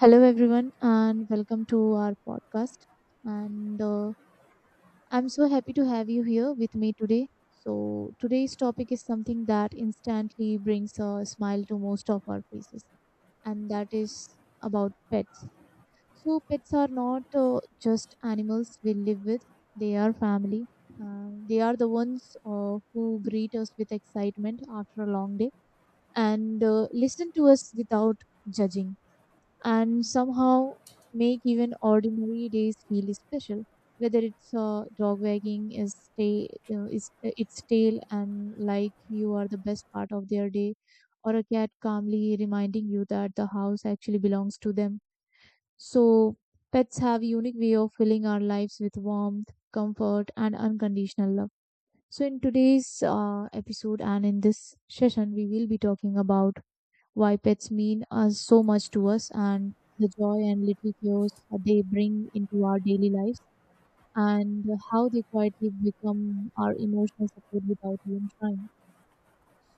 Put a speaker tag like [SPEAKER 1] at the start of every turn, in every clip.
[SPEAKER 1] Hello, everyone, and welcome to our podcast. And I'm so happy to have you here with me today. So, today's topic is something that instantly brings a smile to most of our faces, and that is about pets. So, pets are not just animals we live with, they are family. They are the ones who greet us with excitement after a long day and listen to us without judging and somehow make even ordinary days feel special. Whether it's dog wagging is ta- is its tail and like you are the best part of their day, or a cat calmly reminding you that the house actually belongs to them. So pets have a unique way of filling our lives with warmth, comfort, and unconditional love. So in today's episode and in this session, we will be talking about why pets mean us so much to us and the joy and little chaos they bring into our daily lives and how they quietly become our emotional support without even trying.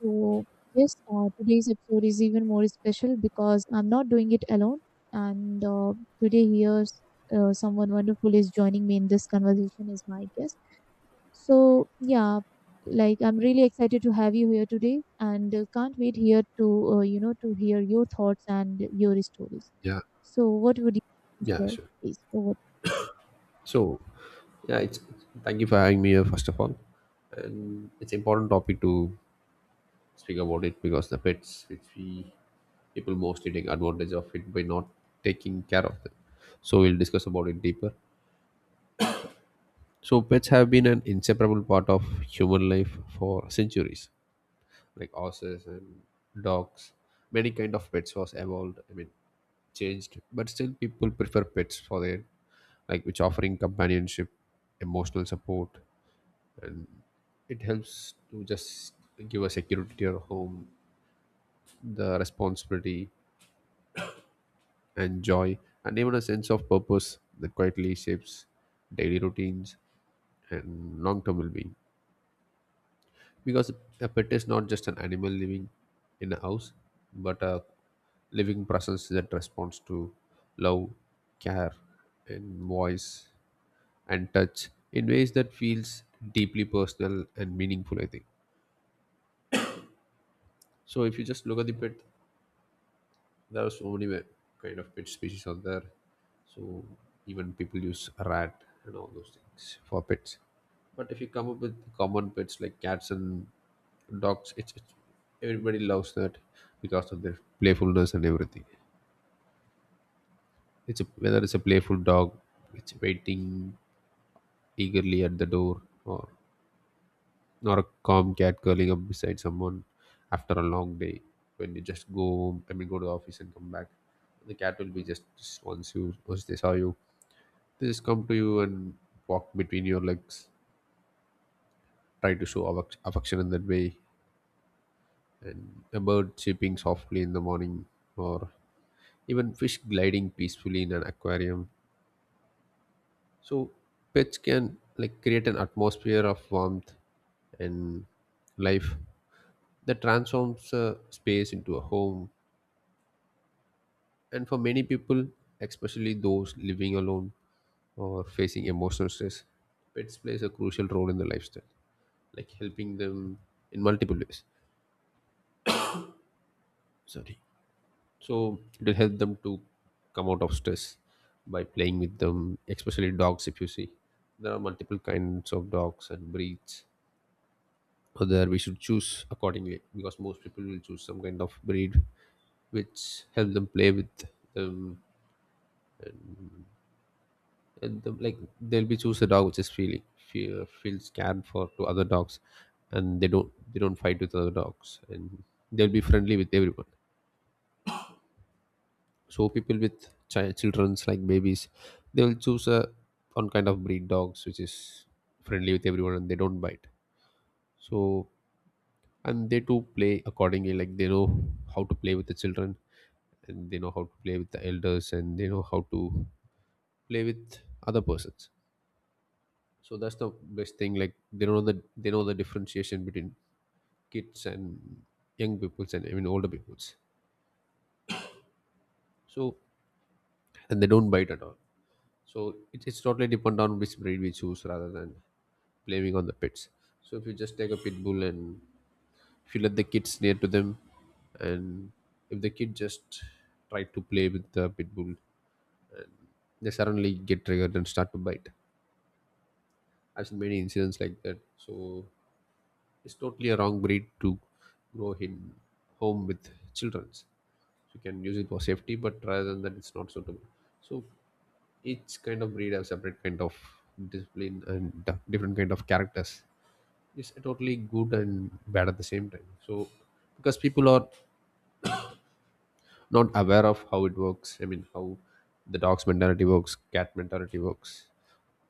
[SPEAKER 1] So, yes, today's episode is even more special because I'm not doing it alone. And Today, here, someone wonderful is joining me in this conversation, is my guest. So, yeah, like I'm really excited to have you here today and can't wait here to, to hear your thoughts and your stories.
[SPEAKER 2] Yeah,
[SPEAKER 1] So, what would you like to
[SPEAKER 2] yeah,
[SPEAKER 1] share,
[SPEAKER 2] sure.
[SPEAKER 1] please? Over.
[SPEAKER 2] So, yeah, it's thank you for having me here first of all, and it's important topic to speak about it because the pets, which we people mostly take advantage of it by not taking care of them. So we'll discuss about it deeper. So pets have been an inseparable part of human life for centuries. Like horses and dogs, many kind of pets was evolved, I mean changed, but still people prefer pets for their, like, which offering companionship, emotional support. It helps to just give a security to your home, the responsibility and joy, and even a sense of purpose that quietly shapes daily routines and long-term well-being. Because a pet is not just an animal living in a house, but a living presence that responds to love, care and voice and touch in ways that feels deeply personal and meaningful, I think. So if you just look at the pet, there are so many kind of pet species out there. So even people use rat and all those things for pets. But if you come up with common pets like cats and dogs, it's everybody loves that because of their playfulness and everything. It's a, whether it's a playful dog, it's waiting eagerly at the door, or a calm cat curling up beside someone after a long day, when you just go home, I mean go to the office and come back, the cat will be just once you once they saw you, they just come to you and walk between your legs, try to show affection in that way. And a bird chirping softly in the morning, or even fish gliding peacefully in an aquarium. So pets can like create an atmosphere of warmth and life that transforms a space into a home. And for many people, especially those living alone or facing emotional stress, pets plays a crucial role in the lifestyle, like helping them in multiple ways. Sorry. So it will help them to come out of stress by playing with them, especially dogs if you see. There are multiple kinds of dogs and breeds, whether we should choose accordingly, because most people will choose some kind of breed which help them play with them. The, like they'll be choose a dog which is feel feel scared for to other dogs, and they don't fight with other dogs, and they'll be friendly with everyone. So people with children's like babies, they'll choose a one kind of breed dogs which is friendly with everyone and they don't bite. So, and they too play accordingly, like they know how to play with the children, and they know how to play with the elders, and they know how to play with other persons. So that's the best thing, like they know the differentiation between kids and young peoples and even older peoples. So, and they don't bite at all. So it's totally depend on which breed we choose rather than blaming on the pets. So if you just take a pit bull, and if you let the kids near to them, and if the kid just try to play with the pit bull, they suddenly get triggered and start to bite. I've seen many incidents like that. So it's totally a wrong breed to grow in home with childrens. You can use it for safety, but rather than that, it's not suitable. So each kind of breed have separate kind of discipline and different kind of characters. It's totally good and bad at the same time. So because people are not aware of how it works. I mean, how the dog's mentality works, cat mentality works,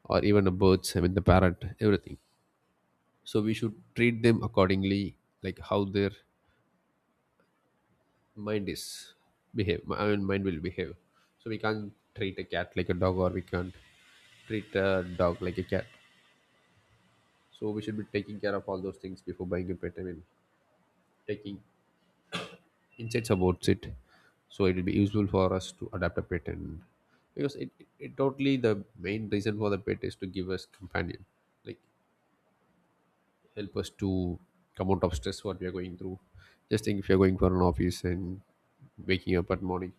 [SPEAKER 2] or even a bird's. I mean, the parrot, everything. So we should treat them accordingly, like how their mind is behave I mean mind will behave. So we can't treat a cat like a dog, or we can't treat a dog like a cat. So we should be taking care of all those things before buying a pet, I mean taking insights about it. So it will be useful for us to adapt a pet. And because it totally the main reason for the pet is to give us companion, like help us to come out of stress what we are going through. Just think if you're going for an office and waking up at morning.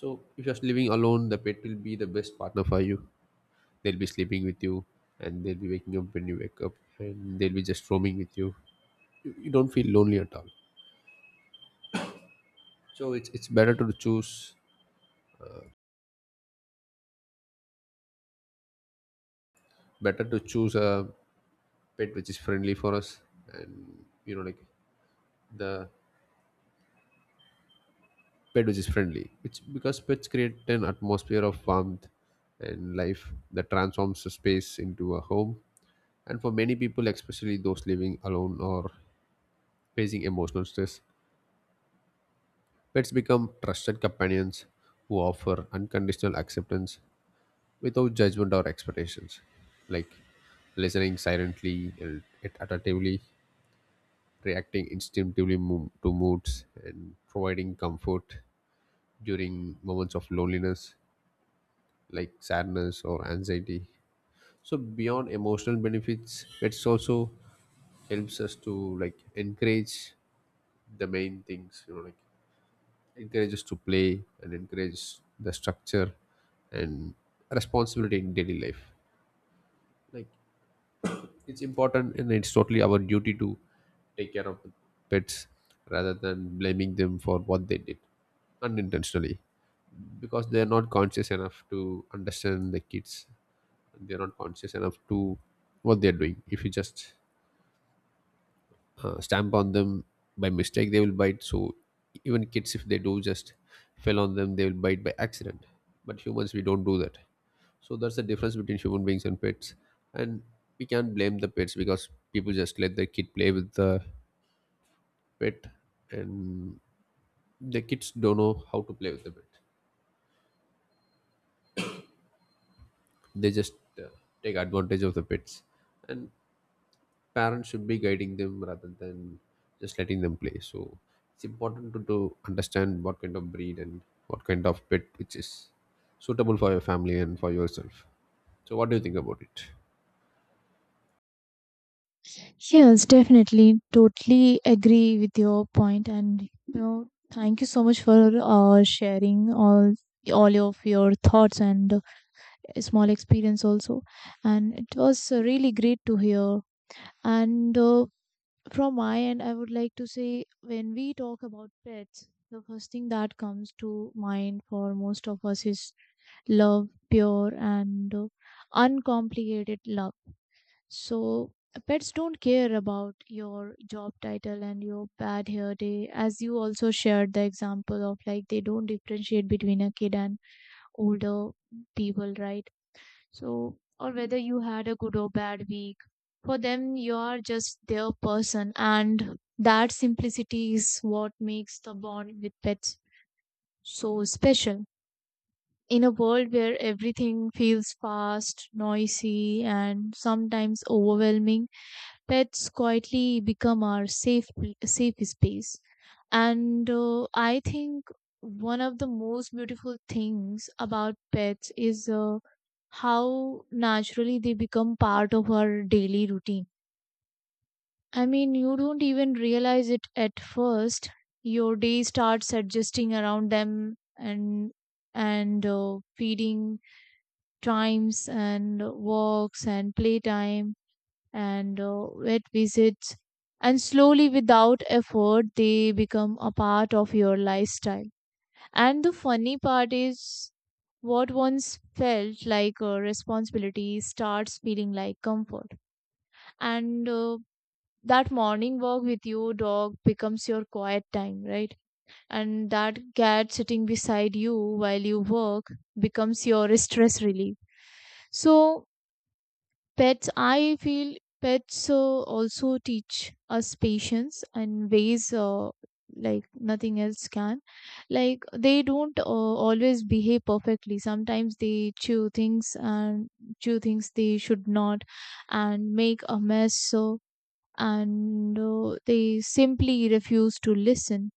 [SPEAKER 2] So if you're living alone, the pet will be the best partner for you. They'll be sleeping with you, and they'll be waking up when you wake up, and they'll be just roaming with you. You don't feel lonely at all. So it's better to choose a pet which is friendly for us. And you know, like the pet which is friendly, which because pets create an atmosphere of warmth and life that transforms a space into a home. And for many people, especially those living alone or facing emotional stress, pets become trusted companions who offer unconditional acceptance without judgment or expectations, like listening silently and attentively, reacting instinctively to moods, and providing comfort during moments of loneliness, like sadness or anxiety. So beyond emotional benefits, pets also helps us to like encourage the main things, you know, like encourage us to play and encourage the structure and responsibility in daily life. Like it's important, and it's totally our duty to take care of the pets rather than blaming them for what they did unintentionally, because they're not conscious enough to understand the kids. They're not conscious enough to what they're doing. If you just stamp on them by mistake, they will bite. So even kids, if they do just fell on them, they will bite by accident. But humans, we don't do that. So that's the difference between human beings and pets. And we can't blame the pets because people just let their kid play with the pet, and the kids don't know how to play with the pet. They just uh, take advantage of the pets, and parents should be guiding them rather than just letting them play. So it's important to understand what kind of breed and what kind of pet which is suitable for your family and for yourself. So what do you think about it?
[SPEAKER 1] Yes, definitely. Totally agree with your point, and you know, thank you so much for sharing all of your thoughts and small experience also. And it was really great to hear. And From my end, I would like to say when we talk about pets, the first thing that comes to mind for most of us is love, pure and uncomplicated love. So, pets don't care about your job title and your bad hair day, as you also shared the example of like they don't differentiate between a kid and older people, right? So, or whether you had a good or bad week. For them, you are just their person, and that simplicity is what makes the bond with pets so special. In a world where everything feels fast, noisy, and sometimes overwhelming, pets quietly become our safe space, and I think one of the most beautiful things about pets is how naturally they become part of our daily routine. I mean, you don't even realize it at first. Your day starts adjusting around them, and feeding times and walks and playtime and it visits, and slowly without effort they become a part of your lifestyle. And the funny part is what once felt like a responsibility starts feeling like comfort, and that morning walk with your dog becomes your quiet time, right? And that cat sitting beside you while you work becomes your stress relief. So pets, I feel, pets also teach us patience and ways like nothing else can. Like they don't always behave perfectly. Sometimes they chew things and chew things they should not and make a mess. So, and they simply refuse to listen.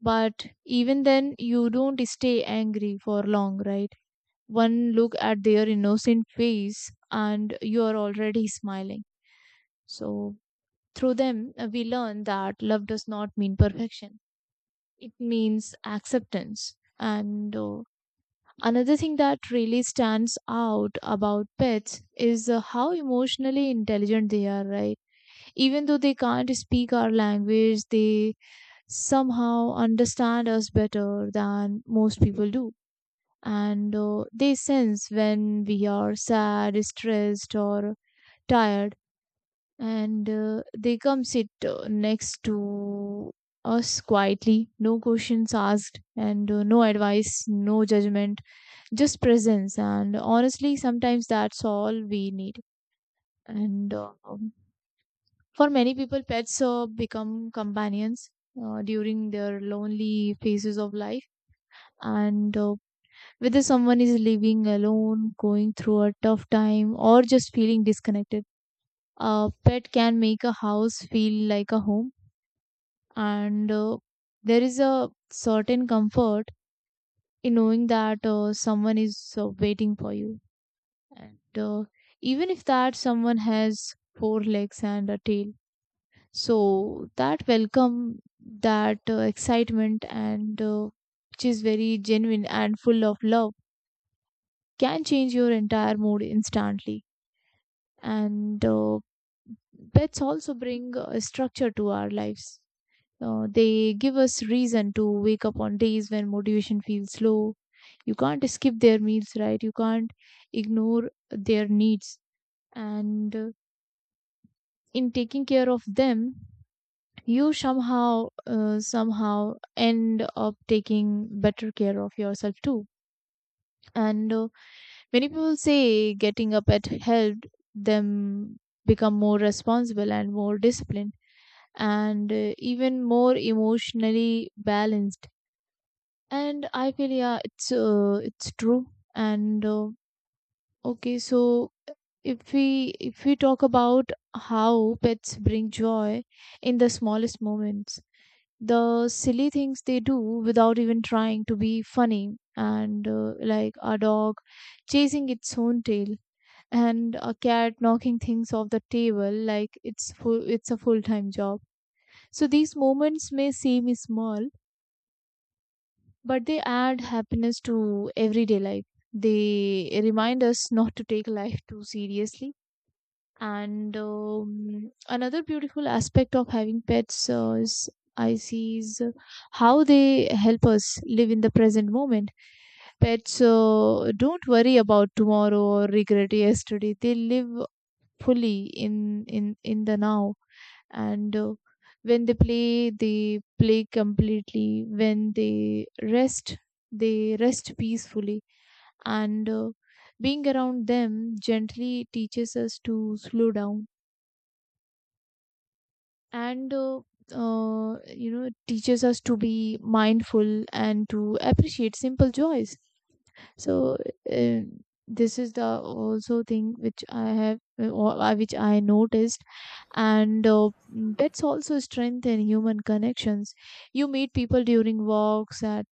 [SPEAKER 1] But even then, you don't stay angry for long, right? One look at their innocent face and you are already smiling. So, through them, we learn that love does not mean perfection, it means acceptance. And Another thing that really stands out about pets is how emotionally intelligent they are, right? Even though they can't speak our language, they somehow understand us better than most people do, and they sense when we are sad, stressed, or tired, and they come sit next to us quietly, no questions asked, and no advice, no judgment, just presence. And honestly, sometimes that's all we need. And For many people, pets become companions during their lonely phases of life, and whether someone is living alone, going through a tough time, or just feeling disconnected. A pet can make a house feel like a home, and there is a certain comfort in knowing that someone is waiting for you. And Even if that someone has four legs and a tail, so that welcome, that excitement, and which is very genuine and full of love, can change your entire mood instantly. And Pets also bring structure to our lives. They give us reason to wake up on days when motivation feels low. You can't skip their meals, right? You can't ignore their needs. And In taking care of them, you somehow, somehow end up taking better care of yourself too. And Many people say getting up at helped them become more responsible and more disciplined and even more emotionally balanced, and I feel, yeah, it's it's true. And Okay, so if we talk about how pets bring joy in the smallest moments, the silly things they do without even trying to be funny, and like a dog chasing its own tail and a cat knocking things off the table like it's full it's a full time job. So these moments may seem small, but they add happiness to everyday life. They remind us not to take life too seriously. And Another beautiful aspect of having pets is I see, is how they help us live in the present moment. Pets don't worry about tomorrow or regret yesterday. They live fully in the now, and when they play completely, when they rest peacefully, and being around them gently teaches us to slow down, and you know, teaches us to be mindful and to appreciate simple joys. So uh, this is the also thing which I have which I noticed. And Pets also strengthen human connections. You meet people during walks at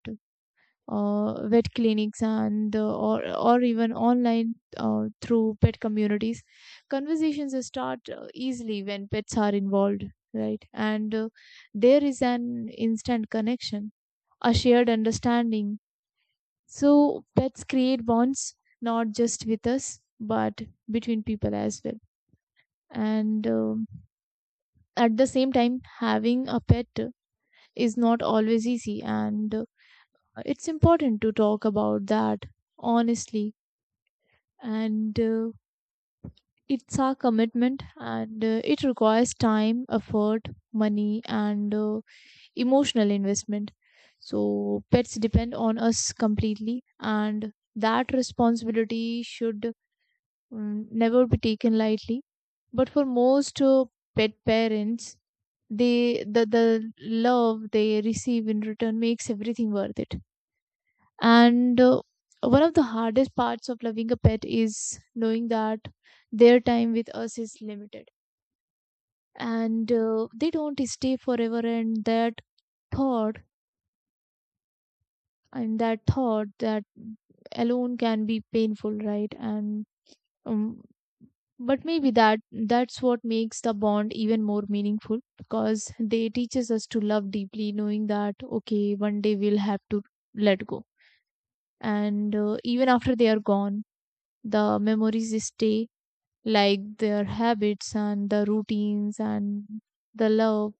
[SPEAKER 1] vet clinics, and or even online through pet communities. Conversations start easily when pets are involved, right? And there is an instant connection, a shared understanding. So pets create bonds not just with us but between people as well. And At the same time, having a pet is not always easy, and it's important to talk about that honestly. And It's a commitment, and it requires time, effort, money, and emotional investment. So pets depend on us completely, and that responsibility should, never be taken lightly. But for most pet parents, the love they receive in return makes everything worth it. And One of the hardest parts of loving a pet is knowing that their time with us is limited, and they don't stay forever. Thought and that thought that alone can be painful, right? And um, but maybe that's what makes the bond even more meaningful, because they teaches us to love deeply knowing that okay one day we'll have to let go. And even after they are gone, the memories stay, like their habits and the routines and the love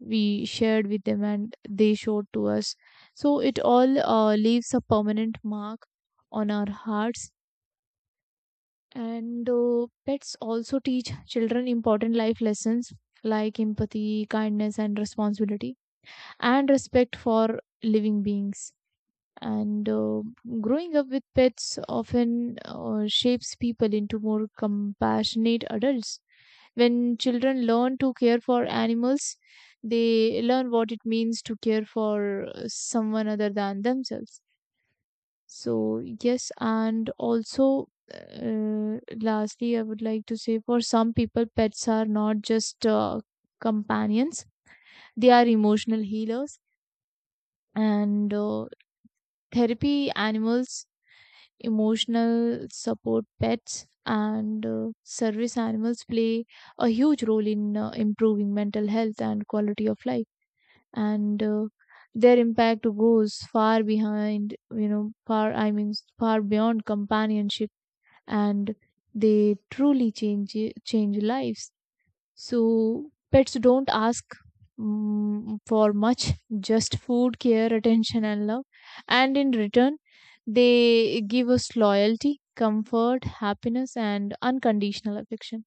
[SPEAKER 1] we shared with them and they showed to us. So it all leaves a permanent mark on our hearts. And Pets also teach children important life lessons like empathy, kindness, and responsibility, and respect for living beings. And Growing up with pets often shapes people into more compassionate adults. When children learn to care for animals, they learn what it means to care for someone other than themselves. So, yes, and also, lastly, I would like to say for some people, pets are not just companions, they are emotional healers. And Therapy animals, emotional support pets, and service animals play a huge role in improving mental health and quality of life. And Their impact goes far behind, you know, far beyond companionship, and they truly change lives. So pets don't ask, for much, just food, care, attention, and love. And in return, they give us loyalty, comfort, happiness, and unconditional affection.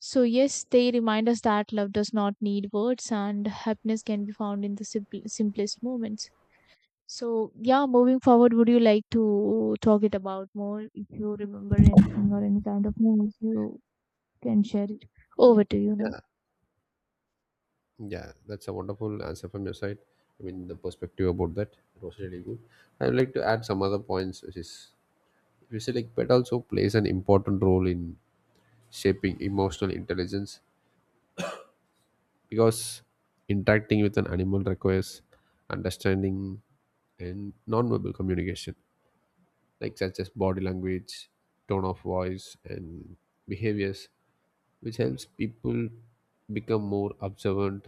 [SPEAKER 1] So, yes, they remind us that love does not need words and happiness can be found in the simplest moments. So yeah, moving forward, would you like to talk it about more? If you remember anything or any kind of news, you can share it. Over to you now.
[SPEAKER 2] Yeah, yeah, That's a wonderful answer from your side. I mean, the perspective about that, it was really good. I would like to add some other points, which is if you say like pet also plays an important role in shaping emotional intelligence, because interacting with an animal requires understanding and nonverbal communication, like such as body language, tone of voice, and behaviors, which helps people become more observant,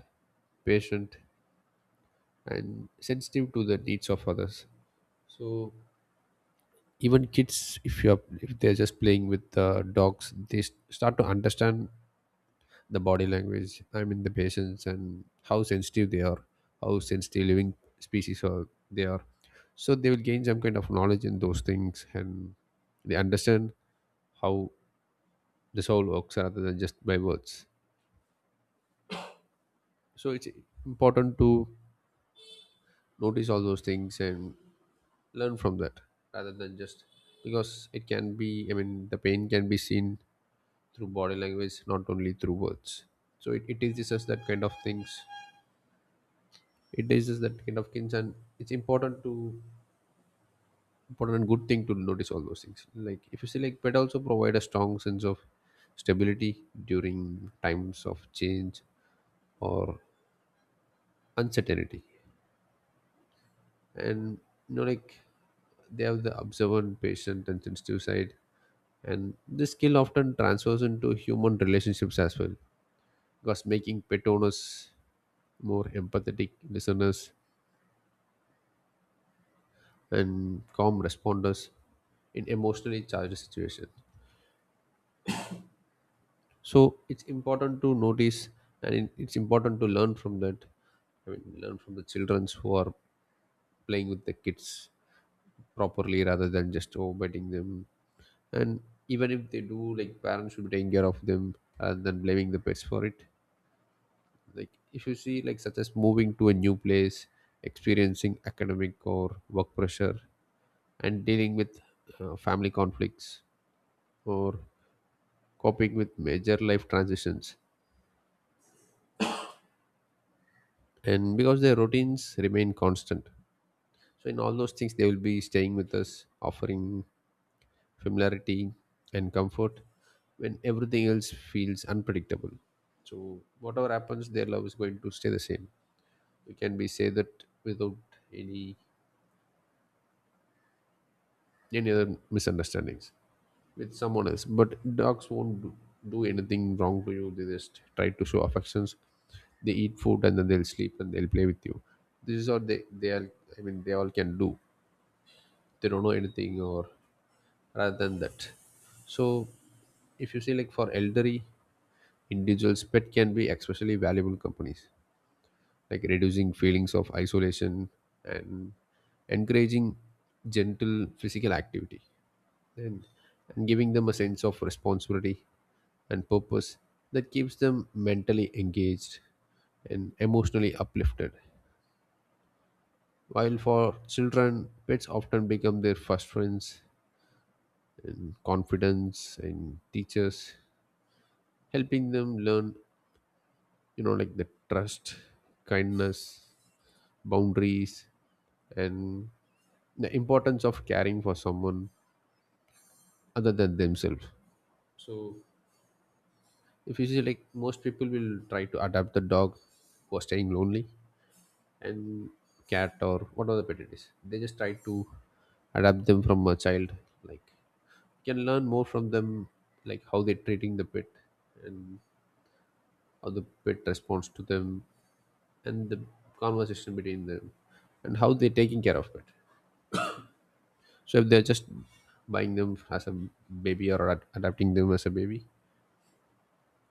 [SPEAKER 2] patient, and sensitive to the needs of others. So even kids, if you are if they're just playing with the dogs, they start to understand the body language, I mean the patients, and how sensitive they are, how sensitive living species are. So they will gain some kind of knowledge in those things, and they understand how the soul works rather than just by words. So it's important to notice all those things and learn from that rather than just, because it can be, I mean the pain can be seen through body language, not only through words. So it teaches us that kind of things. It raises that kind of things, and it's important to important and good thing to notice all those things. Like if you see, like pet also provide a strong sense of stability during times of change or uncertainty. And you know like they have the observant, patient, and sensitive side, and this skill often transfers into human relationships as well, because making pet owners more empathetic listeners and calm responders in emotionally charged situations. So it's important to notice, and it's important to learn from that. I mean, learn from the childrens who are playing with the kids properly rather than just overbiting them. And even if they do, like parents should be taking care of them rather than blaming the pets for it. Like if you see, like such as moving to a new place, experiencing academic or work pressure, and dealing with family conflicts or coping with major life transitions, and because their routines remain constant, so in all those things they will be staying with us offering familiarity and comfort when everything else feels unpredictable. So whatever happens, their love is going to stay the same. We can be say that without any any other misunderstandings with someone else, but dogs won't do anything wrong to you. They just try to show affections. They eat food and then they'll sleep and they'll play with you. This is what they all, I mean, they all can do. They don't know anything or rather than that. So if you see, like, for elderly individuals pet can be especially valuable companies, like reducing feelings of isolation and encouraging gentle physical activity, and, and giving them a sense of responsibility and purpose that keeps them mentally engaged and emotionally uplifted. While for children pets often become their first friends and confidence in teachers, helping them learn, you know, like the trust, kindness, boundaries, and the importance of caring for someone other than themselves. So if you see, like, most people will try to adapt the dog who are staying lonely, and cat or whatever the pet it is, they just try to adapt them from a child. Like, you can learn more from them, like how they're treating the pet and or the pet responds to them and the conversation between them and how they're taking care of it. So if they're just buying them as a baby or adapting them as a baby,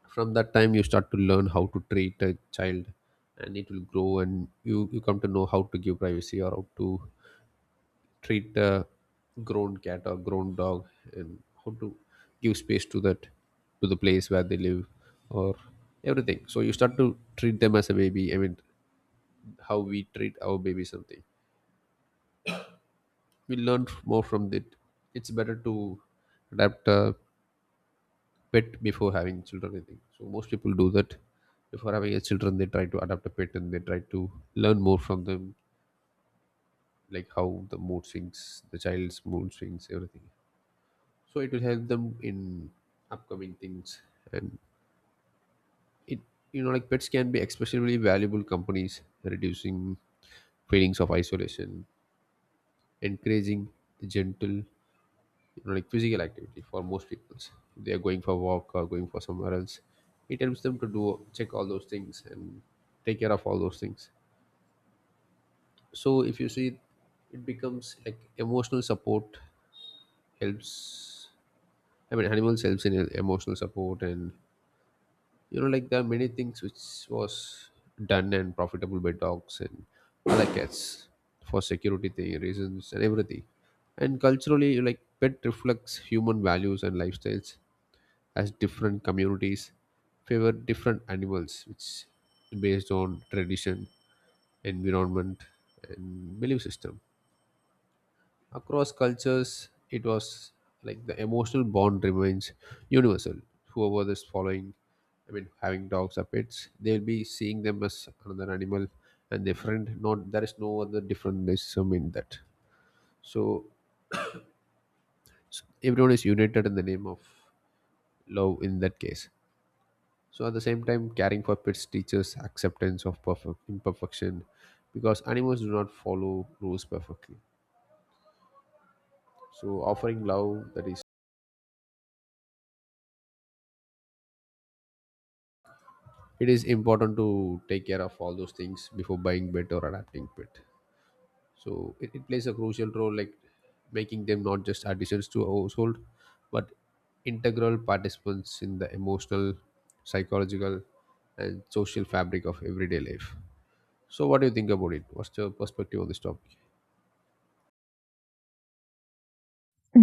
[SPEAKER 2] from that time you start to learn how to treat a child, and it will grow and you come to know how to give privacy or how to treat a grown cat or grown dog, and how to give space to that, to the place where they live or everything. So you start to treat them as a baby, I mean, how we treat our baby, something we learn more from that. It's better to adapt a pet before having children, I think. So most people do that. Before having a children, they try to adapt a pet and they try to learn more from them, like how the mood swings, the child's mood swings, everything. So it will help them in upcoming things. And it, you know, like pets can be especially valuable companies, reducing feelings of isolation, encouraging the gentle, you know, like physical activity for most people. If they are going for a walk or going for somewhere else, it helps them to do check all those things and take care of all those things. So if you see, it becomes like emotional support helps. I mean, animals helps in emotional support, and you know, like there are many things which was done and profitable by dogs and other cats for security thing, reasons and everything. And culturally, like pet reflects human values and lifestyles, as different communities favor different animals which based on tradition, environment, and belief system. Across cultures it was like the emotional bond remains universal. Whoever is following, I mean having dogs or pets, they will be seeing them as another animal and their friend. Not, there is no other differentness in that. So everyone is united in the name of love in that case. So at the same time, caring for pets teaches acceptance of perfect imperfection because animals do not follow rules perfectly. So offering love, that is, it is important to take care of all those things before buying pet or adapting pet. So it plays a crucial role, like making them not just additions to a household but integral participants in the emotional, psychological, and social fabric of everyday life. So what do you think about it? What's your perspective on this topic?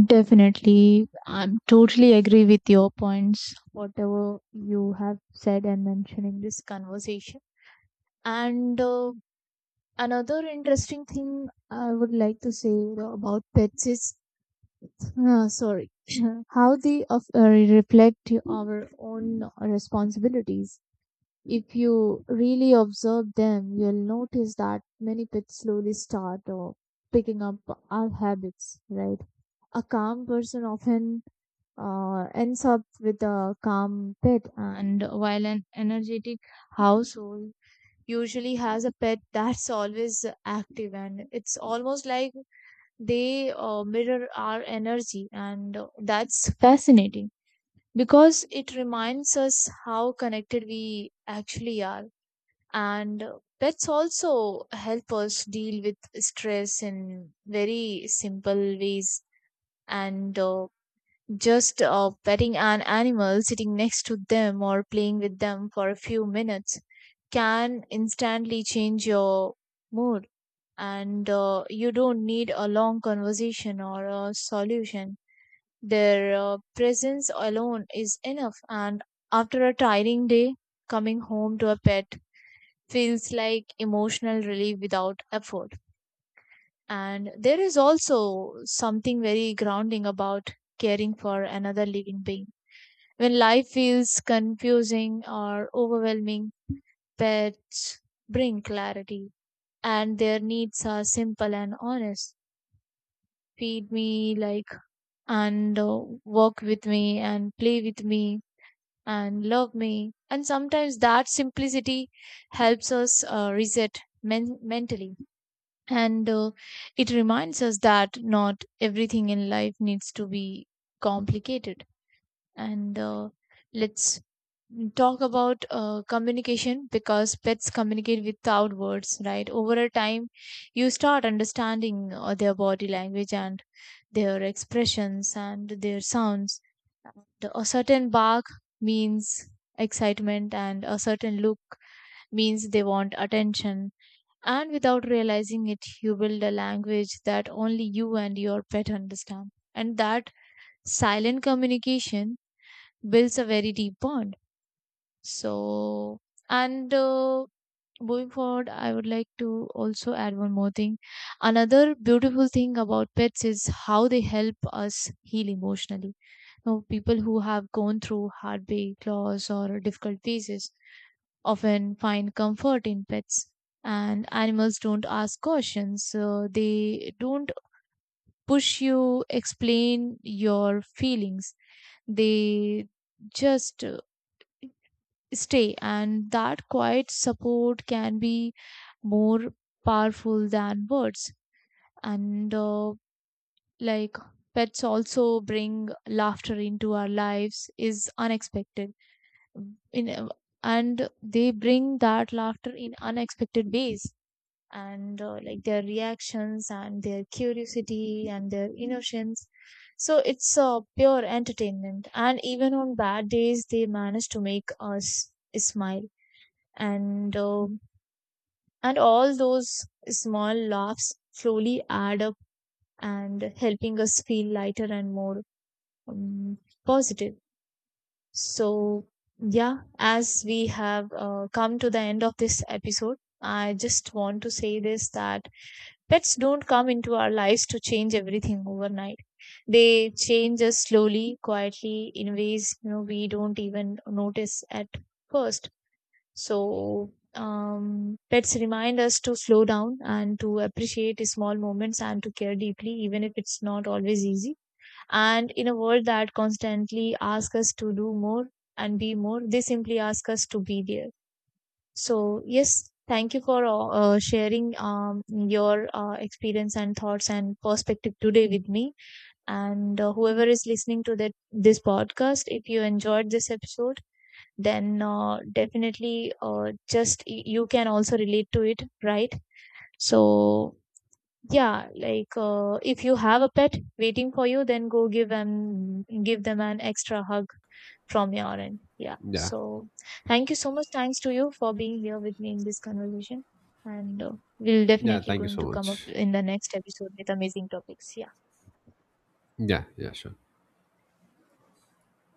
[SPEAKER 1] Definitely, I'm totally agree with your points, whatever you have said and mentioned in this conversation. And Another interesting thing I would like to say about pets is, sorry, how they of, reflect our own responsibilities. If you really observe them, you'll notice that many pets slowly start picking up our habits, right? A calm person often ends up with a calm pet, and while an energetic household usually has a pet that's always active, and it's almost like they mirror our energy, and that's fascinating because it reminds us how connected we actually are. And pets also help us deal with stress in very simple ways, and just petting an animal, sitting next to them, or playing with them for a few minutes can instantly change your mood. And you don't need a long conversation or a solution. Their presence alone is enough, and after a tiring day, coming home to a pet feels like emotional relief without effort. And there is also something very grounding about caring for another living being. When life feels confusing or overwhelming, pets bring clarity, and their needs are simple and honest. Feed me, like, and walk with me, and play with me, and love me. And sometimes that simplicity helps us reset mentally. And it reminds us that not everything in life needs to be complicated. And let's talk about communication, because pets communicate without words, right? Over a time, you start understanding their body language, and their expressions, and their sounds. A certain bark means excitement, and a certain look means they want attention, and without realizing it, you build a language that only you and your pet understand. And that silent communication builds a very deep bond. So, and Moving forward, I would like to also add one more thing. Another beautiful thing about pets is how they help us heal emotionally. Now, people who have gone through heartbreak, loss, or difficult phases often find comfort in pets. And animals don't ask questions, so they don't push you, explain your feelings. They just stay, and that quiet support can be more powerful than words. And like pets also bring laughter into our lives is unexpected in and They bring that laughter in unexpected ways, and like their reactions, and their curiosity, and their innocence. So it's pure entertainment. And even on bad days, they manage to make us smile. And uh, and all those small laughs slowly add up, and helping us feel lighter and more um, positive. So yeah, as we have come to the end of this episode, I just want to say this, that pets don't come into our lives to change everything overnight. They change us slowly, quietly, in ways, you know, we don't even notice at first. So pets remind us to slow down, and to appreciate small moments, and to care deeply, even if it's not always easy. And in a world that constantly asks us to do more and be more, they simply ask us to be there. So, yes, thank you for sharing your experience and thoughts and perspective today with me. And whoever is listening to that this podcast, if you enjoyed this episode, then definitely, you can also relate to it, right? So, yeah, like if you have a pet waiting for you, then go give and give them an extra hug from your end. Yeah.
[SPEAKER 2] Yeah.
[SPEAKER 1] So thank you so much. Thanks to you for being here with me in this conversation. And we'll
[SPEAKER 2] Yeah,
[SPEAKER 1] definitely
[SPEAKER 2] thank you
[SPEAKER 1] going
[SPEAKER 2] so
[SPEAKER 1] to come up
[SPEAKER 2] much.
[SPEAKER 1] in the next episode with amazing topics. Yeah.
[SPEAKER 2] Yeah, yeah, sure.